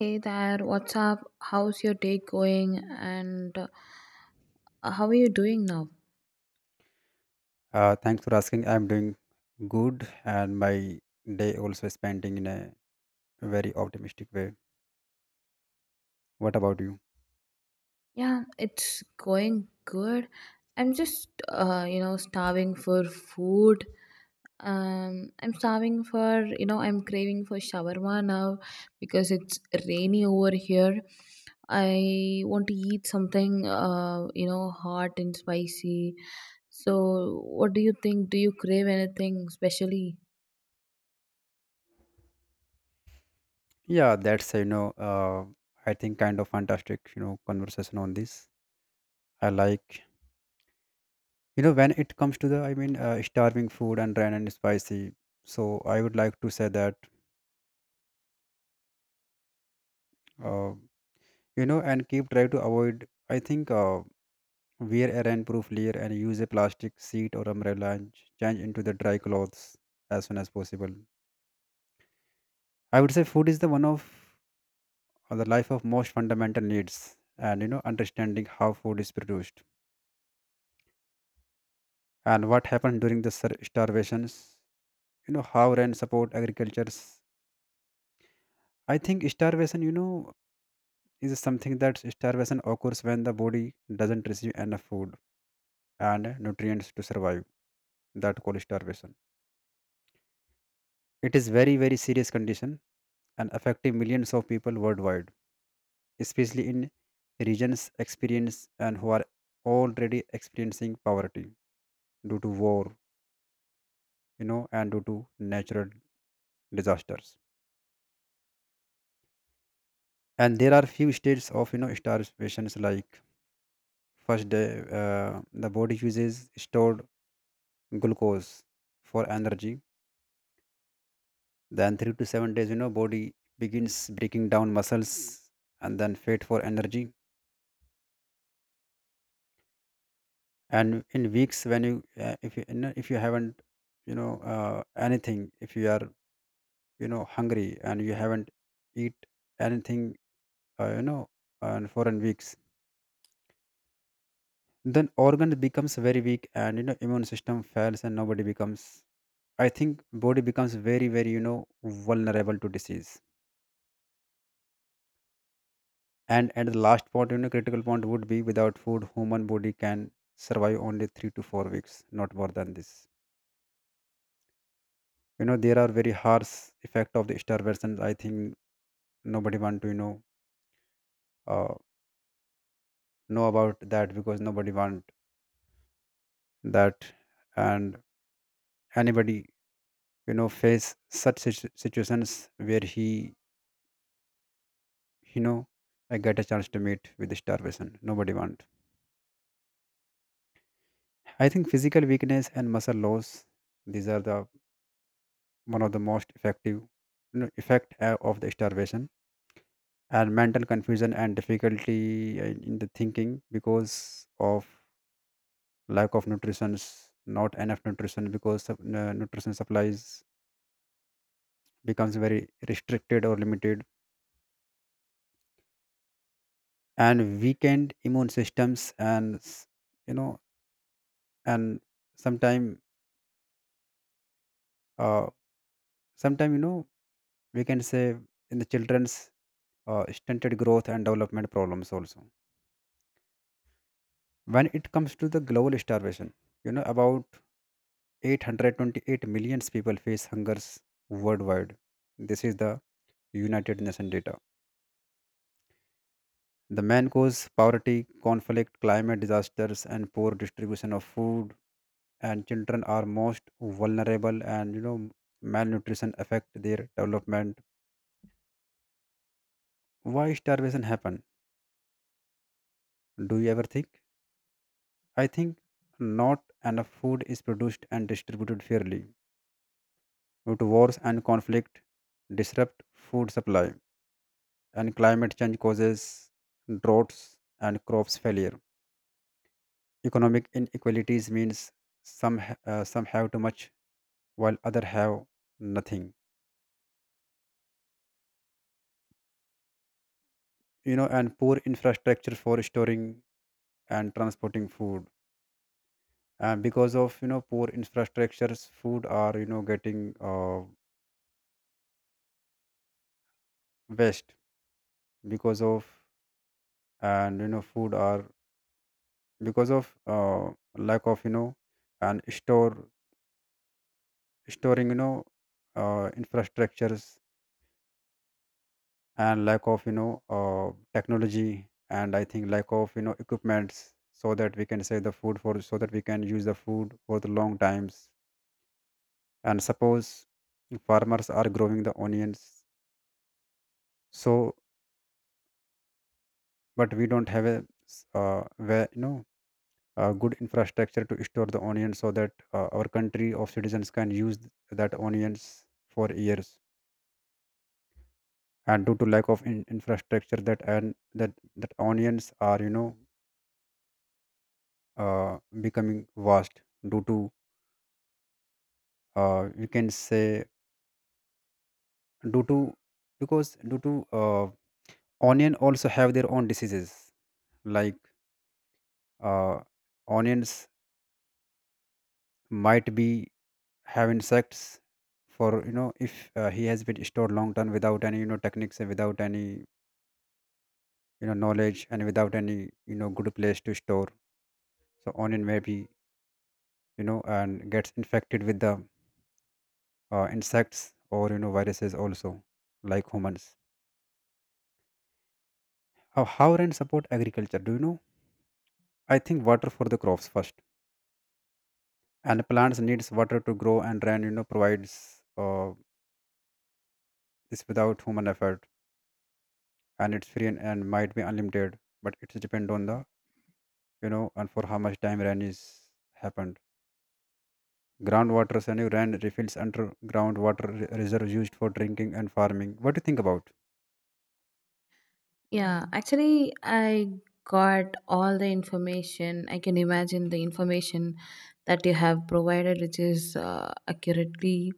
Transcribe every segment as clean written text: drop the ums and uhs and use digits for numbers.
Hey there, what's up? How's your day going? And How are you doing now? Thanks for asking. I'm doing good, and my day also is spending in a very optimistic way. What about you? Yeah, it's going good. I'm just, starving for food. I'm starving for, I'm craving for shawarma now because it's rainy over here. I want to eat something, hot and spicy. So, what do you think? Do you crave anything specially? Yeah, that's, I think, kind of fantastic, conversation on this. I like, when it comes to the, I mean, starving food and rain and spicy. So I would like to say that, uh, and keep try to avoid. I think, wear a rainproof layer and use a plastic sheet or umbrella, and change into the dry clothes as soon as possible. I would say food is the one of, the life of most fundamental needs, and, understanding how food is produced and what happened during the starvations. How rain support agricultures. I think starvation, is something that starvation occurs when the body doesn't receive enough food and nutrients to survive. That called starvation. It is very, very serious condition, and affecting millions of people worldwide, especially in regions experience and who are already experiencing poverty due to war, and due to natural disasters. And there are few states of, starvations, like first day, the body uses stored glucose for energy. Then 3 to 7 days, body begins breaking down muscles, and then fat for energy. And in weeks, when you, if you haven't, anything, if you are, hungry, and you haven't eat anything, you know and for in weeks, then organ becomes very weak, and, immune system fails, and nobody becomes I think body becomes very, very, vulnerable to disease. And at the last point, critical point would be, without food, human body can survive only 3 to 4 weeks, not more than this. There are very harsh effect of the starvation. I think nobody want to, uh, know about that, because nobody want that. And anybody, face such situations where he, you know I get a chance to meet with starvation, nobody want. I think physical weakness and muscle loss, these are the one of the most effective, effect, of the starvation. And mental confusion and difficulty, in the thinking, because of lack of nutrition, not enough nutrition, because of, nutrition supplies becomes very restricted or limited. And weakened immune systems, and you know and sometime uh sometime, we can say, in the children's, stunted growth and development problems also. When it comes to the global starvation, you know about 828 million people face hungers worldwide. This is the United Nations data. The main cause: poverty, conflict, climate disasters, and poor distribution of food. And children are most vulnerable, and, malnutrition affect their development. Why starvation happen? Do you ever think? I think not enough food is produced and distributed fairly. But wars and conflict disrupt food supply, and climate change causes droughts and crops failure. Economic inequalities means some have too much, while other have nothing. And poor infrastructure for storing and transporting food. And because of, poor infrastructures, food are, getting, waste, because of, and you know food are, because of, lack of, you know and store storing, infrastructures, and lack of, technology, and I think lack of, equipments, so that we can save the food for so that we can use the food for the long times. And suppose farmers are growing the onions, so, but we don't have where you know a good infrastructure to store the onions, so that, our country of citizens can use that onions for years. And due to lack of infrastructure that, that onions are, uh, becoming vast, due to, you can say, due to, because due to, onion also have their own diseases. Like, uh, onions might be have insects, for, if, he has been stored long term without any, techniques, and without any, knowledge, and without any, good place to store. So onion may be, you know and gets infected with the, insects, or, viruses also, like humans. How rain support agriculture, do you know? I think water for the crops first, and plants needs water to grow, and rain, provides, this without human effort. And it's free, and might be unlimited, but it depend on the, you know and for how much time rain is happened. Groundwater, and you rain refills underground water reserves used for drinking and farming. What do you think about? Yeah, actually, I got all the information. I can imagine the information that you have provided, which is accurately.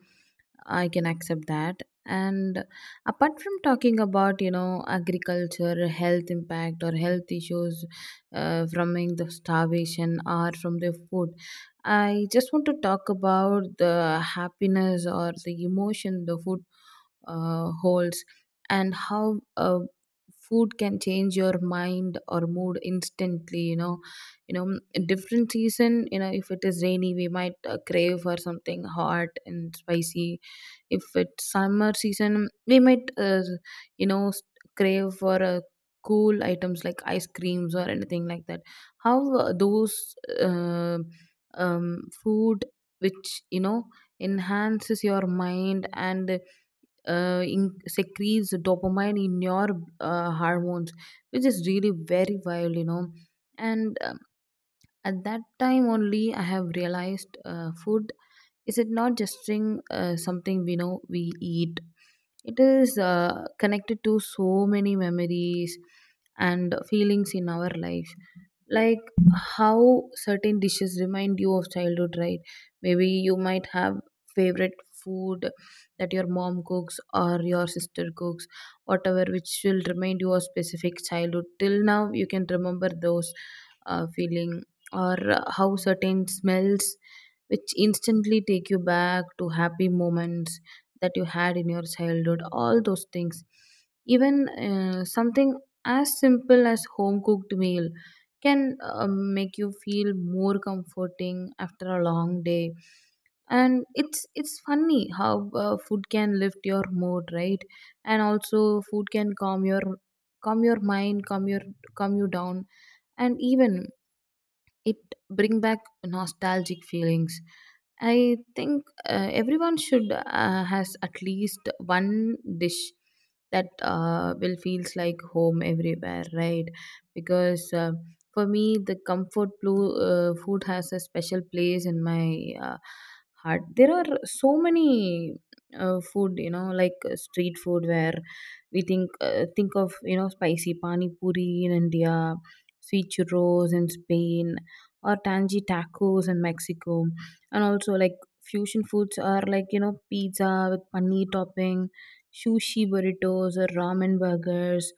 I can accept that. And apart from talking about, agriculture, health impact, or health issues from the starvation or from the food, I just want to talk about the happiness or the emotion the food holes, and how food can change your mind or mood instantly. You know, in different season, if it is rainy, we might crave for something hot and spicy. If it's summer season, we might you know s- crave for cool items like ice creams or anything like that. How those uh, food which enhances your mind and secretes dopamine in your hormones, which is really very wild, and at that time only I have realized food is, it not just thing, something we know we eat. It is connected to so many memories and feelings in our life, like how certain dishes remind you of childhood, right? Maybe you might have favorite food that your mom cooks or your sister cooks, whatever, which will remind you of specific childhood. Till now you can remember those feeling, or how certain smells which instantly take you back to happy moments that you had in your childhood, all those things. Even something as simple as home cooked meal can make you feel more comforting after a long day. And it's funny how food can lift your mood, right? And also food can calm your mind, calm you down, and even it bring back nostalgic feelings. I think everyone should has at least one dish that will feels like home everywhere, right? Because for me the comfort blue, food has a special place in my uh, heart. There are so many food, you know, like street food, where we think of, you know, spicy pani puri in India, sweet churros in Spain, or tangy tacos in Mexico. And also like fusion foods are, like, you know, pizza with paneer topping, sushi burritos or ramen burgers.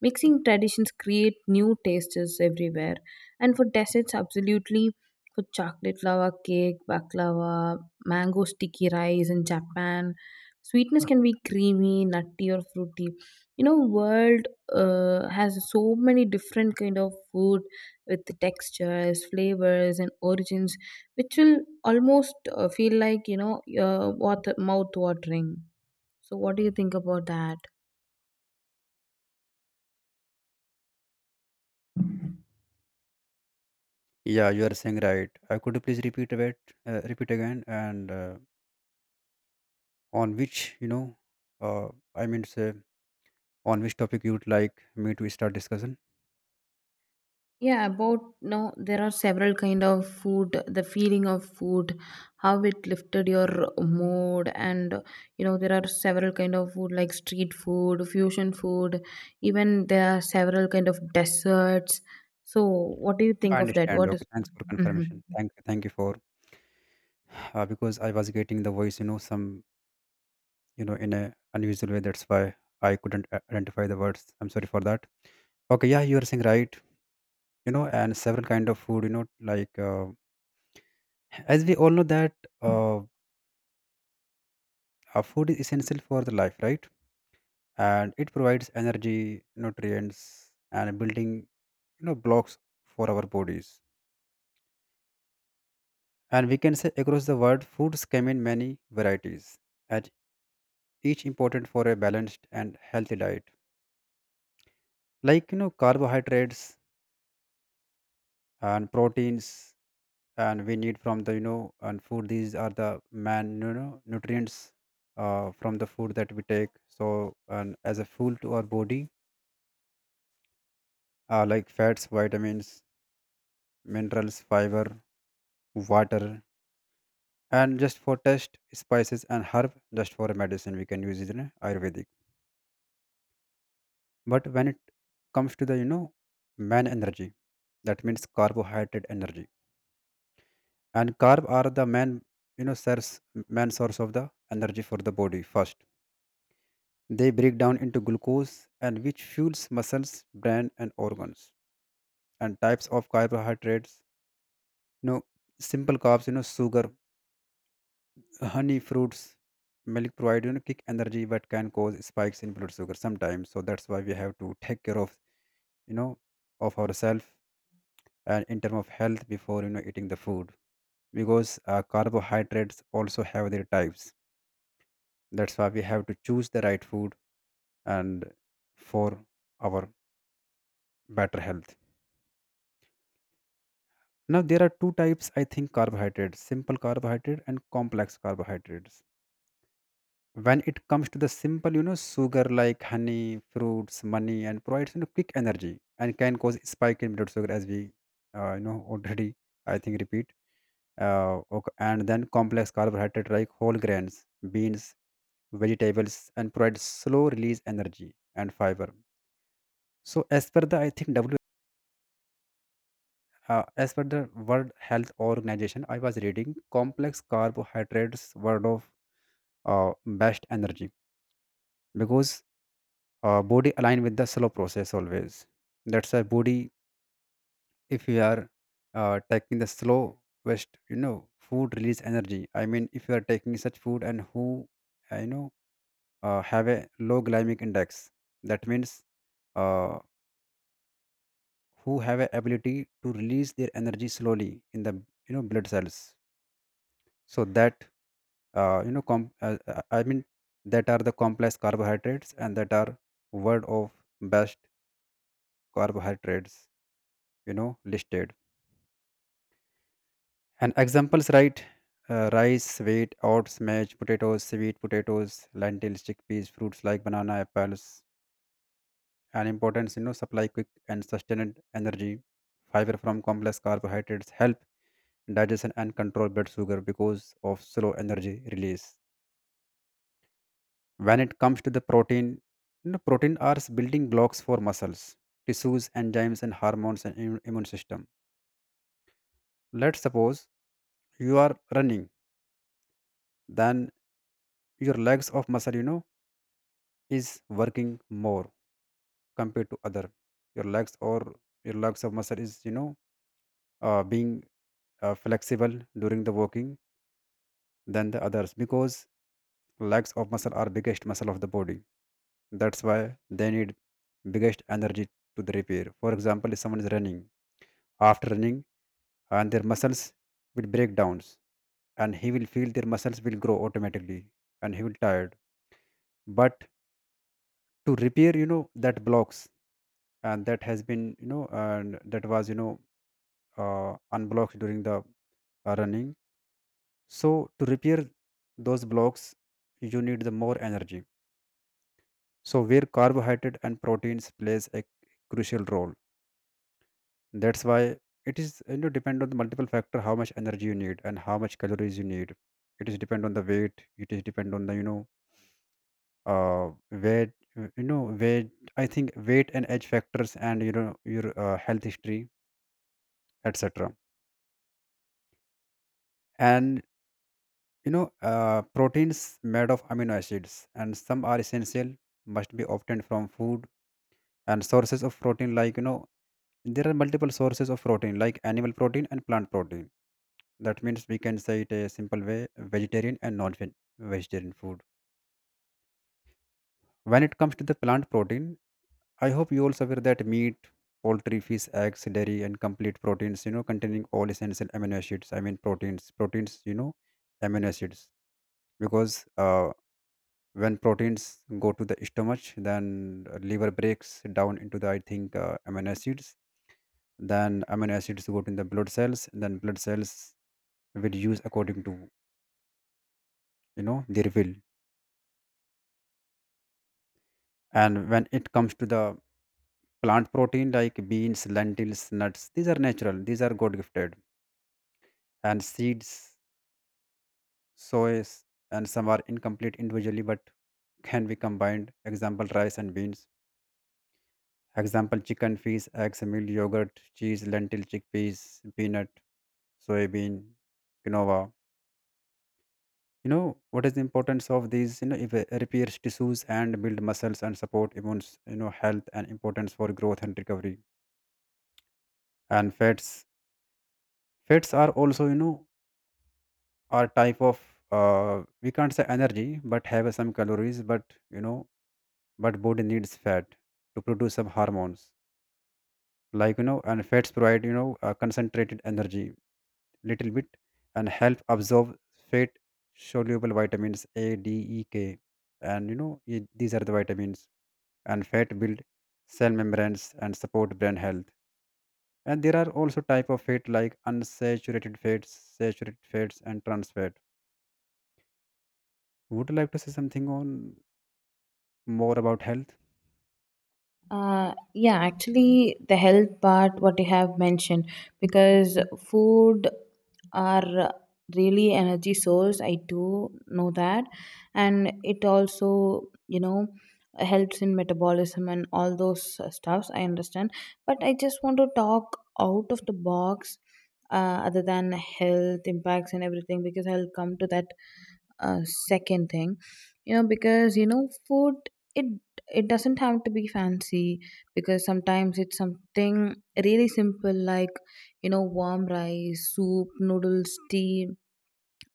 Mixing traditions create new tastes everywhere. And for desserts, absolutely for chocolate lava cake, baklava, mango sticky rice in Japan. Sweetness can be creamy, nutty, or fruity. You know, world has so many different kind of food with textures, flavors, and origins, which will almost feel like, water, mouth watering. So, what do you think about that? Yeah, you are saying right. Could you please repeat a bit, repeat again, and, on which, uh, I mean to say, on which topic you would like me to start discussion. Yeah, about no, there are several kind of food. The feeling of food, how it lifted your mood, and you know there are several kind of food like street food, fusion food. Even there are several kind of desserts. So, what do you I think of that? understand. What is? Okay, thanks for Mhm. confirmation. Thank you, for, because I was getting the voice, some, in a unusual way. That's why I couldn't identify the words. I'm sorry for that. Okay, yeah, you are saying right, you know and several kind of food, like, as we all know that, uh, food is essential for the life, right? And it provides energy, nutrients, and building, blocks for our bodies. And we can say across the world, foods come in many varieties, and each important for a balanced and healthy diet. Like, carbohydrates and proteins, and we need from the, you know and food. These are the man, nutrients, from the food that we take. So and as a fuel to our body, like fats, vitamins, minerals, fiber, water, and just for taste, spices and herb. Just for a medicine, we can use it in Ayurvedic. But when it comes to the, man energy, that means carbohydrate energy. And carb are the main, you know source source of the energy for the body first. They break down into glucose and which fuels muscles, brain, and organs. And types of carbohydrates, you know simple carbs, sugar, honey, fruits, milk, provide, kick energy, but can cause spikes in blood sugar sometimes. So that's why we have to take care of, you know of ourselves. And in terms of health, before, eating the food, because, carbohydrates also have their types. That's why we have to choose the right food, and for our better health. Now there are two types, I think, carbohydrates: simple carbohydrate and complex carbohydrates. When it comes to the simple, sugar, like honey, fruits, money, and provides, quick energy, and can cause spike in blood sugar, as we, already, I think, repeat, and then complex carbohydrates like whole grains, beans, vegetables, and provide slow release energy and fiber. So, as per the, I think, as per the World Health Organization, I was reading complex carbohydrates word of, best energy, because, body align with the slow process always. That's why body, if you are, taking the slow west, food release energy. I mean, if you are taking such food and who, I know, have a low glycemic index, that means, uh, who have a ability to release their energy slowly in the, blood cells, so that, I mean, that are the complex carbohydrates, and that are word of best carbohydrates, listed. And examples, right? Rice, wheat, oats, maize, potatoes, sweet potatoes, lentils, chickpeas, fruits like banana, apples. And importance, supply quick and sustained energy. Fiber from complex carbohydrates help digestion and control blood sugar because of slow energy release. When it comes to the protein, protein are building blocks for muscles, tissues, enzymes, and hormones, and immune system. Let's suppose you are running, then your legs of muscle, is working more compared to other. Your legs, or your legs of muscle, is, being, flexible during the walking than the others, because legs of muscle are biggest muscle of the body. That's why they need biggest energy to the repair. For example, if someone is running, after running, and their muscles will break downs, and he will feel their muscles will grow automatically, and he will tired. But to repair, that blocks, and that has been, you know and that was, unblocked during the, running. So to repair those blocks, you need the more energy. So where carbohydrate and proteins plays a crucial role. That's why it is depend on the multiple factor how much energy you need and how much calories you need. It is depend on the weight. It is depend on the you know weight you know weight. I think Weight and age factors, and your health history, etc. And proteins made of amino acids, and some are essential, must be obtained from food. And sources of protein, there are multiple sources of protein like animal protein and plant protein. That means we can say it a simple way: vegetarian and non-vegetarian food. When it comes to the plant protein, I hope you also aware that meat, poultry, fish, eggs, dairy, and complete proteins containing all essential amino acids. I mean proteins, amino acids. Because uh, when proteins go to the stomach, then liver breaks down into the, I think amino acids. Then amino acids go to the blood cells, then blood cells will use according to their will. And when it comes to the plant protein like beans, lentils, nuts, these are natural, these are god gifted, and seeds, soys. And some are incomplete individually, but can be combined, example rice and beans. Example: chicken, fish, eggs, milk, yogurt, cheese, lentil, chickpeas, peanut, soybean, quinoa. You know what is the importance of these? If repairs tissues and build muscles and support immune health, and importance for growth and recovery. And fats, fats are also are type of, we can't say energy, but have some calories, but but body needs fat to produce some hormones, and fats provide concentrated energy, little bit, and help absorb fat soluble vitamins A, D, E, K. And these are the vitamins. And fat build cell membranes and support brain health. And there are also type of fat like unsaturated fats, saturated fats, and trans fat. Would you like to say something on more about health? Yeah, actually, the health part, what you have mentioned, because food are really energy source. I do know that, and it also, you know, helps in metabolism and all those stuffs. I understand, but I just want to talk out of the box. Other than health impacts and everything, because I'll come to that uh, second thing. You know, because you know food, it it doesn't have to be fancy, because sometimes it's something really simple, like, you know, warm rice soup, noodles, tea,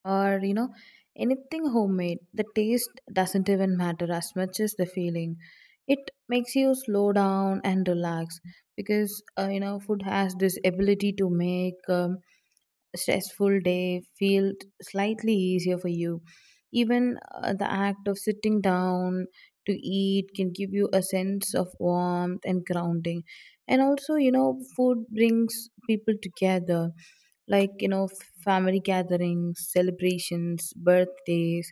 or, you know, anything homemade. The taste doesn't even matter as much as the feeling. It makes you slow down and relax, because you know food has this ability to make stressful day feel slightly easier for you. Even the act of sitting down to eat can give you a sense of warmth and grounding. And also, you know, food brings people together, like, you know, family gatherings, celebrations, birthdays,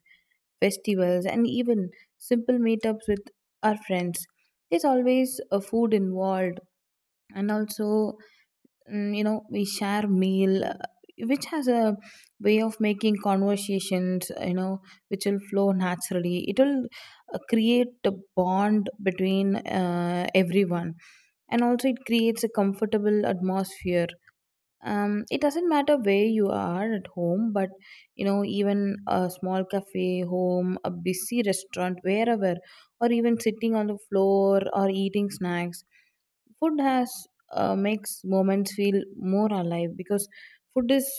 festivals, and even simple meetups with our friends. There's always a food involved. And also, you know, we share meal, which has a way of making conversations, you know, which will flow naturally. It will create a bond between everyone, and also it creates a comfortable atmosphere. It doesn't matter where you are, at home, but you know, even a small cafe, home, a busy restaurant, wherever, or even sitting on the floor or eating snacks, food has makes moments feel more alive, because food is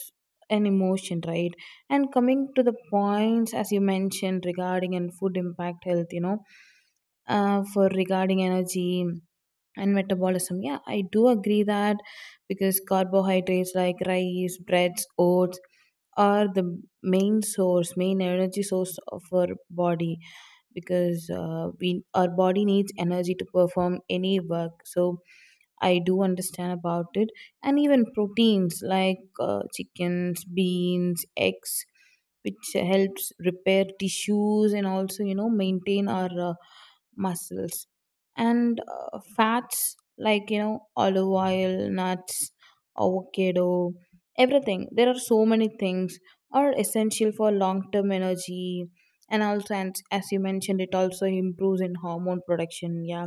an emotion, right? And coming to the points as you mentioned regarding and food impact health, you know, for regarding energy and metabolism. Yeah, I do agree that, because carbohydrates like rice, breads, oats are the main source, main energy source of our body, because we our body needs energy to perform any work. So I do understand about it, and even proteins like chickens, beans, eggs, which helps repair tissues and also, you know, maintain our muscles, and fats like, you know, olive oil, nuts, avocado, everything. There are so many things are essential for long term energy. And also, and as you mentioned, it also improves in hormone production. Yeah,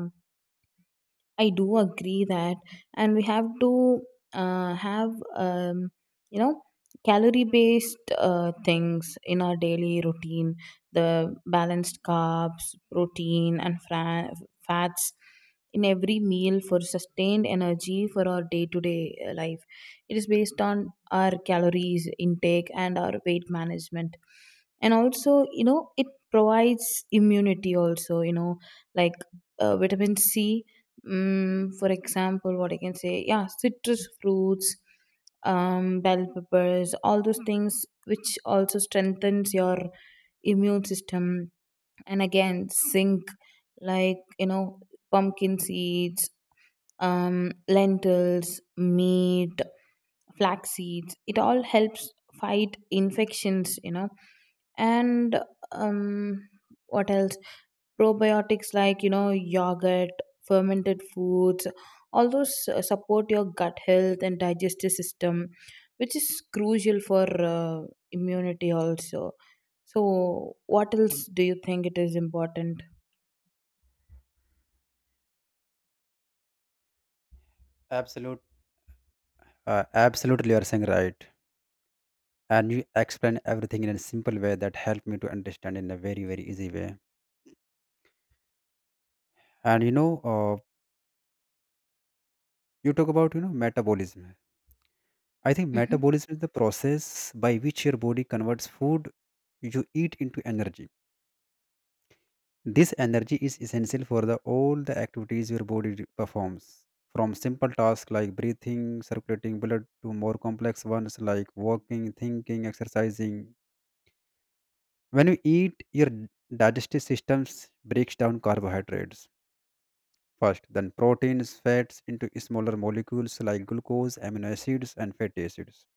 I do agree that, and we have to have you know calorie based things in our daily routine. The balanced carbs, protein, and fats in every meal for sustained energy for our day to day life. It is based on our calories intake and our weight management, and also you know it provides immunity. Also, you know, like vitamin C. For example, what I can say, yeah, citrus fruits, bell peppers, all those things, which also strengthens your immune system. And again, zinc, like, you know, pumpkin seeds, lentils, meat, flax seeds. It all helps fight infections. You know, and um, what else? Probiotics like, you know, yogurt, fermented foods, all those support your gut health and digestive system, which is crucial for uh, immunity also. So what else do you think it is important? Absolute uh, absolutely you are saying right, and you explain everything in a simple way that helped me to understand in a very very easy way. And you talk about metabolism. I think Hmm. metabolism is the process by which your body converts food you eat into energy. This energy is essential for all the activities your body performs, from simple tasks like breathing, circulating blood, to more complex ones like walking, thinking, exercising. When you eat, your digestive system breaks down carbohydrates first, then proteins, fats into smaller molecules like glucose, amino acids, and fatty acids.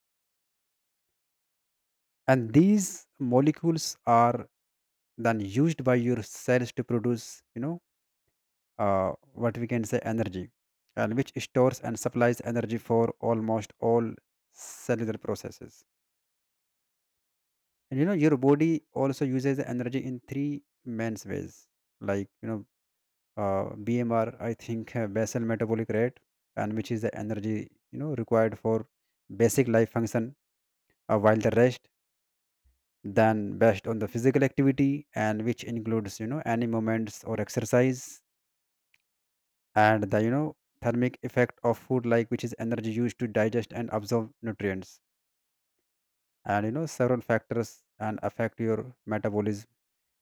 And these molecules are then used by your cells to produce, what we can say energy, and which stores and supplies energy for almost all cellular processes. And your body also uses the energy in three main ways, like you know BMR, I think basal metabolic rate, and which is the energy required for basic life function. While the rest, then based on the physical activity, and which includes any moments or exercise, and the thermic effect of food, like which is energy used to digest and absorb nutrients. And several factors and affect your metabolism,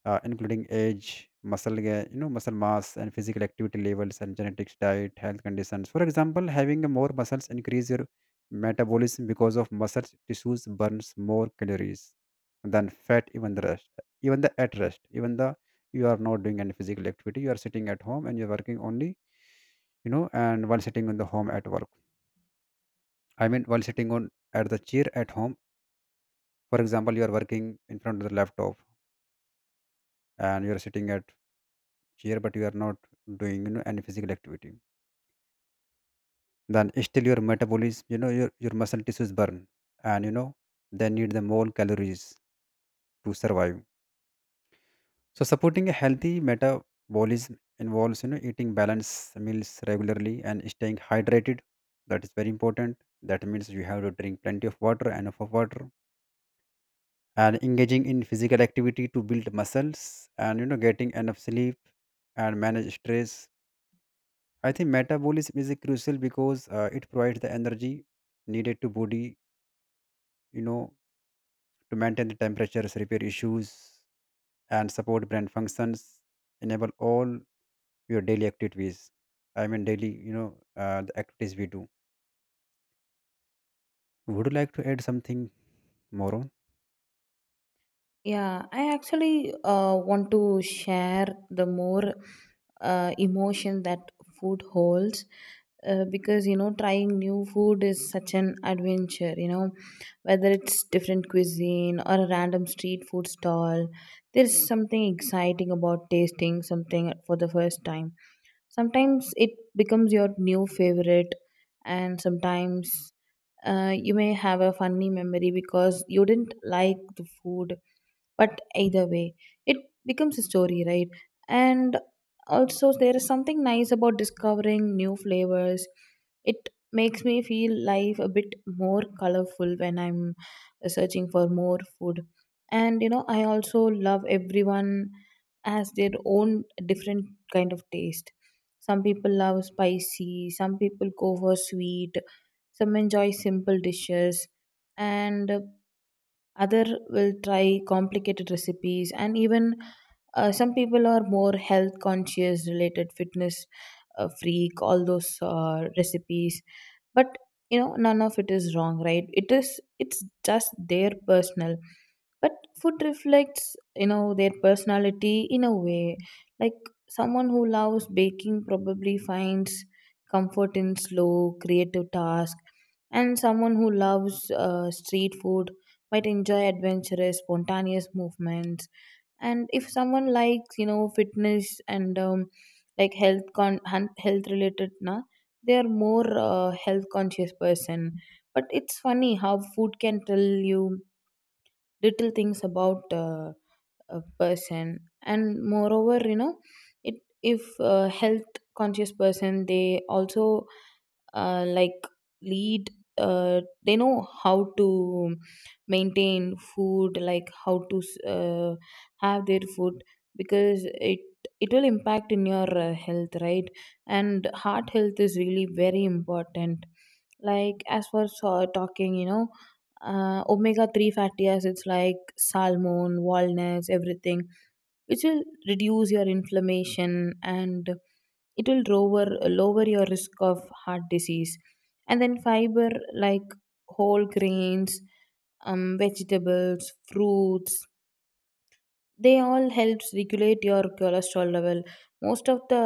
including age, muscle, ga- you know, muscle mass, and physical activity levels, and genetics, diet, health conditions. For example, having more muscles increase your metabolism because of muscle tissues burns more calories than fat, even the at rest, even the you are not doing any physical activity. You are sitting at home and you are working only, you know, and while sitting on the home at work. I mean, while sitting on at the chair at home, for example, you are working in front of the laptop, and you are sitting at here, but you are not doing any physical activity, then still your metabolism, your muscle tissues burn, and they need the more calories to survive. So supporting a healthy metabolism involves eating balanced meals regularly and staying hydrated. That is very important. That means you have to drink plenty of water, enough of water, and engaging in physical activity to build muscles, and getting enough sleep, and manage stress. I think metabolism is crucial because it provides the energy needed to body, you know, to maintain the temperatures, repair issues, and support brain functions, enable all your daily activities. I mean, daily, the activities we do. Would you like to add something more on? Yeah, I actually want to share the more emotion that food holds. Because, you know, trying new food is such an adventure, you know, whether it's different cuisine or a random street food stall. There's something exciting about tasting something for the first time. Sometimes it becomes your new favorite, and sometimes you may have a funny memory because you didn't like the food. But either way, it becomes a story, right? And also, there is something nice about discovering new flavors. It makes me feel life a bit more colorful when I'm searching for more food. And you know, I also love, everyone has their own different kind of taste. Some people love spicy, some people go for sweet, some enjoy simple dishes, and other will try complicated recipes, and even some people are more health conscious, related fitness freak, all those recipes. But you know, none of it is wrong, right? It's just their personal. But food reflects, you know, their personality in a way. Like, someone who loves baking probably finds comfort in slow creative task. And someone who loves street food might enjoy adventurous spontaneous movements. And if someone likes, you know, fitness and like health related, na, they are more health conscious person. But it's funny how food can tell you little things about a person. And moreover, you know, it, if a health conscious person, they also like lead, they know how to maintain food, like how to uh, have their food, because it it will impact in your health, right? And heart health is really very important. Like, as for so talking, you know, omega-3 fatty acids like salmon, walnuts, everything, which will reduce your inflammation, and it will lower your risk of heart disease. And then fiber like whole grains, vegetables, fruits, they all helps regulate your cholesterol level. Most of the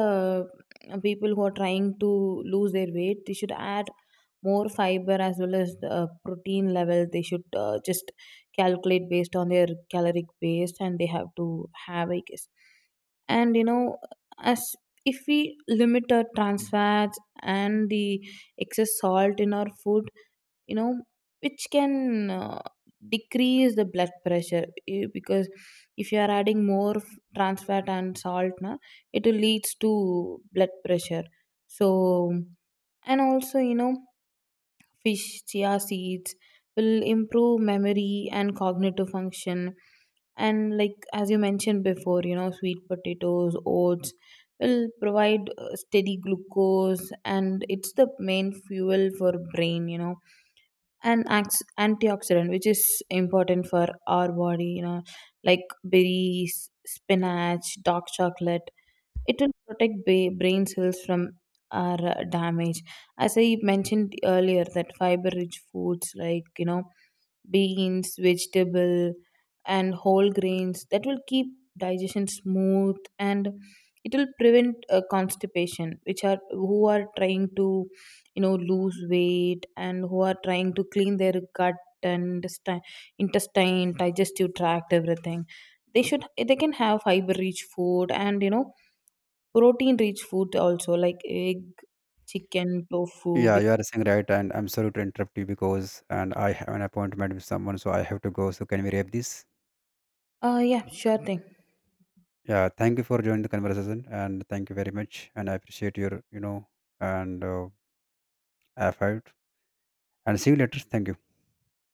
people who are trying to lose their weight, they should add more fiber, as well as protein level. They should just calculate based on their caloric base, and they have to have, I guess. And you know, as if we limit our trans fats and the excess salt in our food, you know, which can decrease the blood pressure, because if you are adding more trans fat and salt, na, it leads to blood pressure. So, and also, you know, fish, chia seeds will improve memory and cognitive function. And, like, as you mentioned before, you know, sweet potatoes, oats will provide steady glucose, and it's the main fuel for brain, you know, and antioxidant, which is important for our body, you know, like berries, spinach, dark chocolate, it will protect brain cells from our damage. As I mentioned earlier, that fiber rich foods like, you know, beans, vegetable, and whole grains, that will keep digestion smooth, and it will prevent constipation, which are who are trying to, you know, lose weight and who are trying to clean their gut and intestine, digestive tract, everything, they should, they can have fiber rich food. And you know, protein rich food also, like egg, chicken, tofu. Yeah, you are saying right, and I'm sorry to interrupt you because, and I have an appointment with someone, so I have to go. So can we wrap this? Yeah, sure thing. Yeah, thank you for joining the conversation, and thank you very much, and I appreciate your, and. F5, and see you later. Thank you.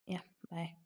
Yeah, bye.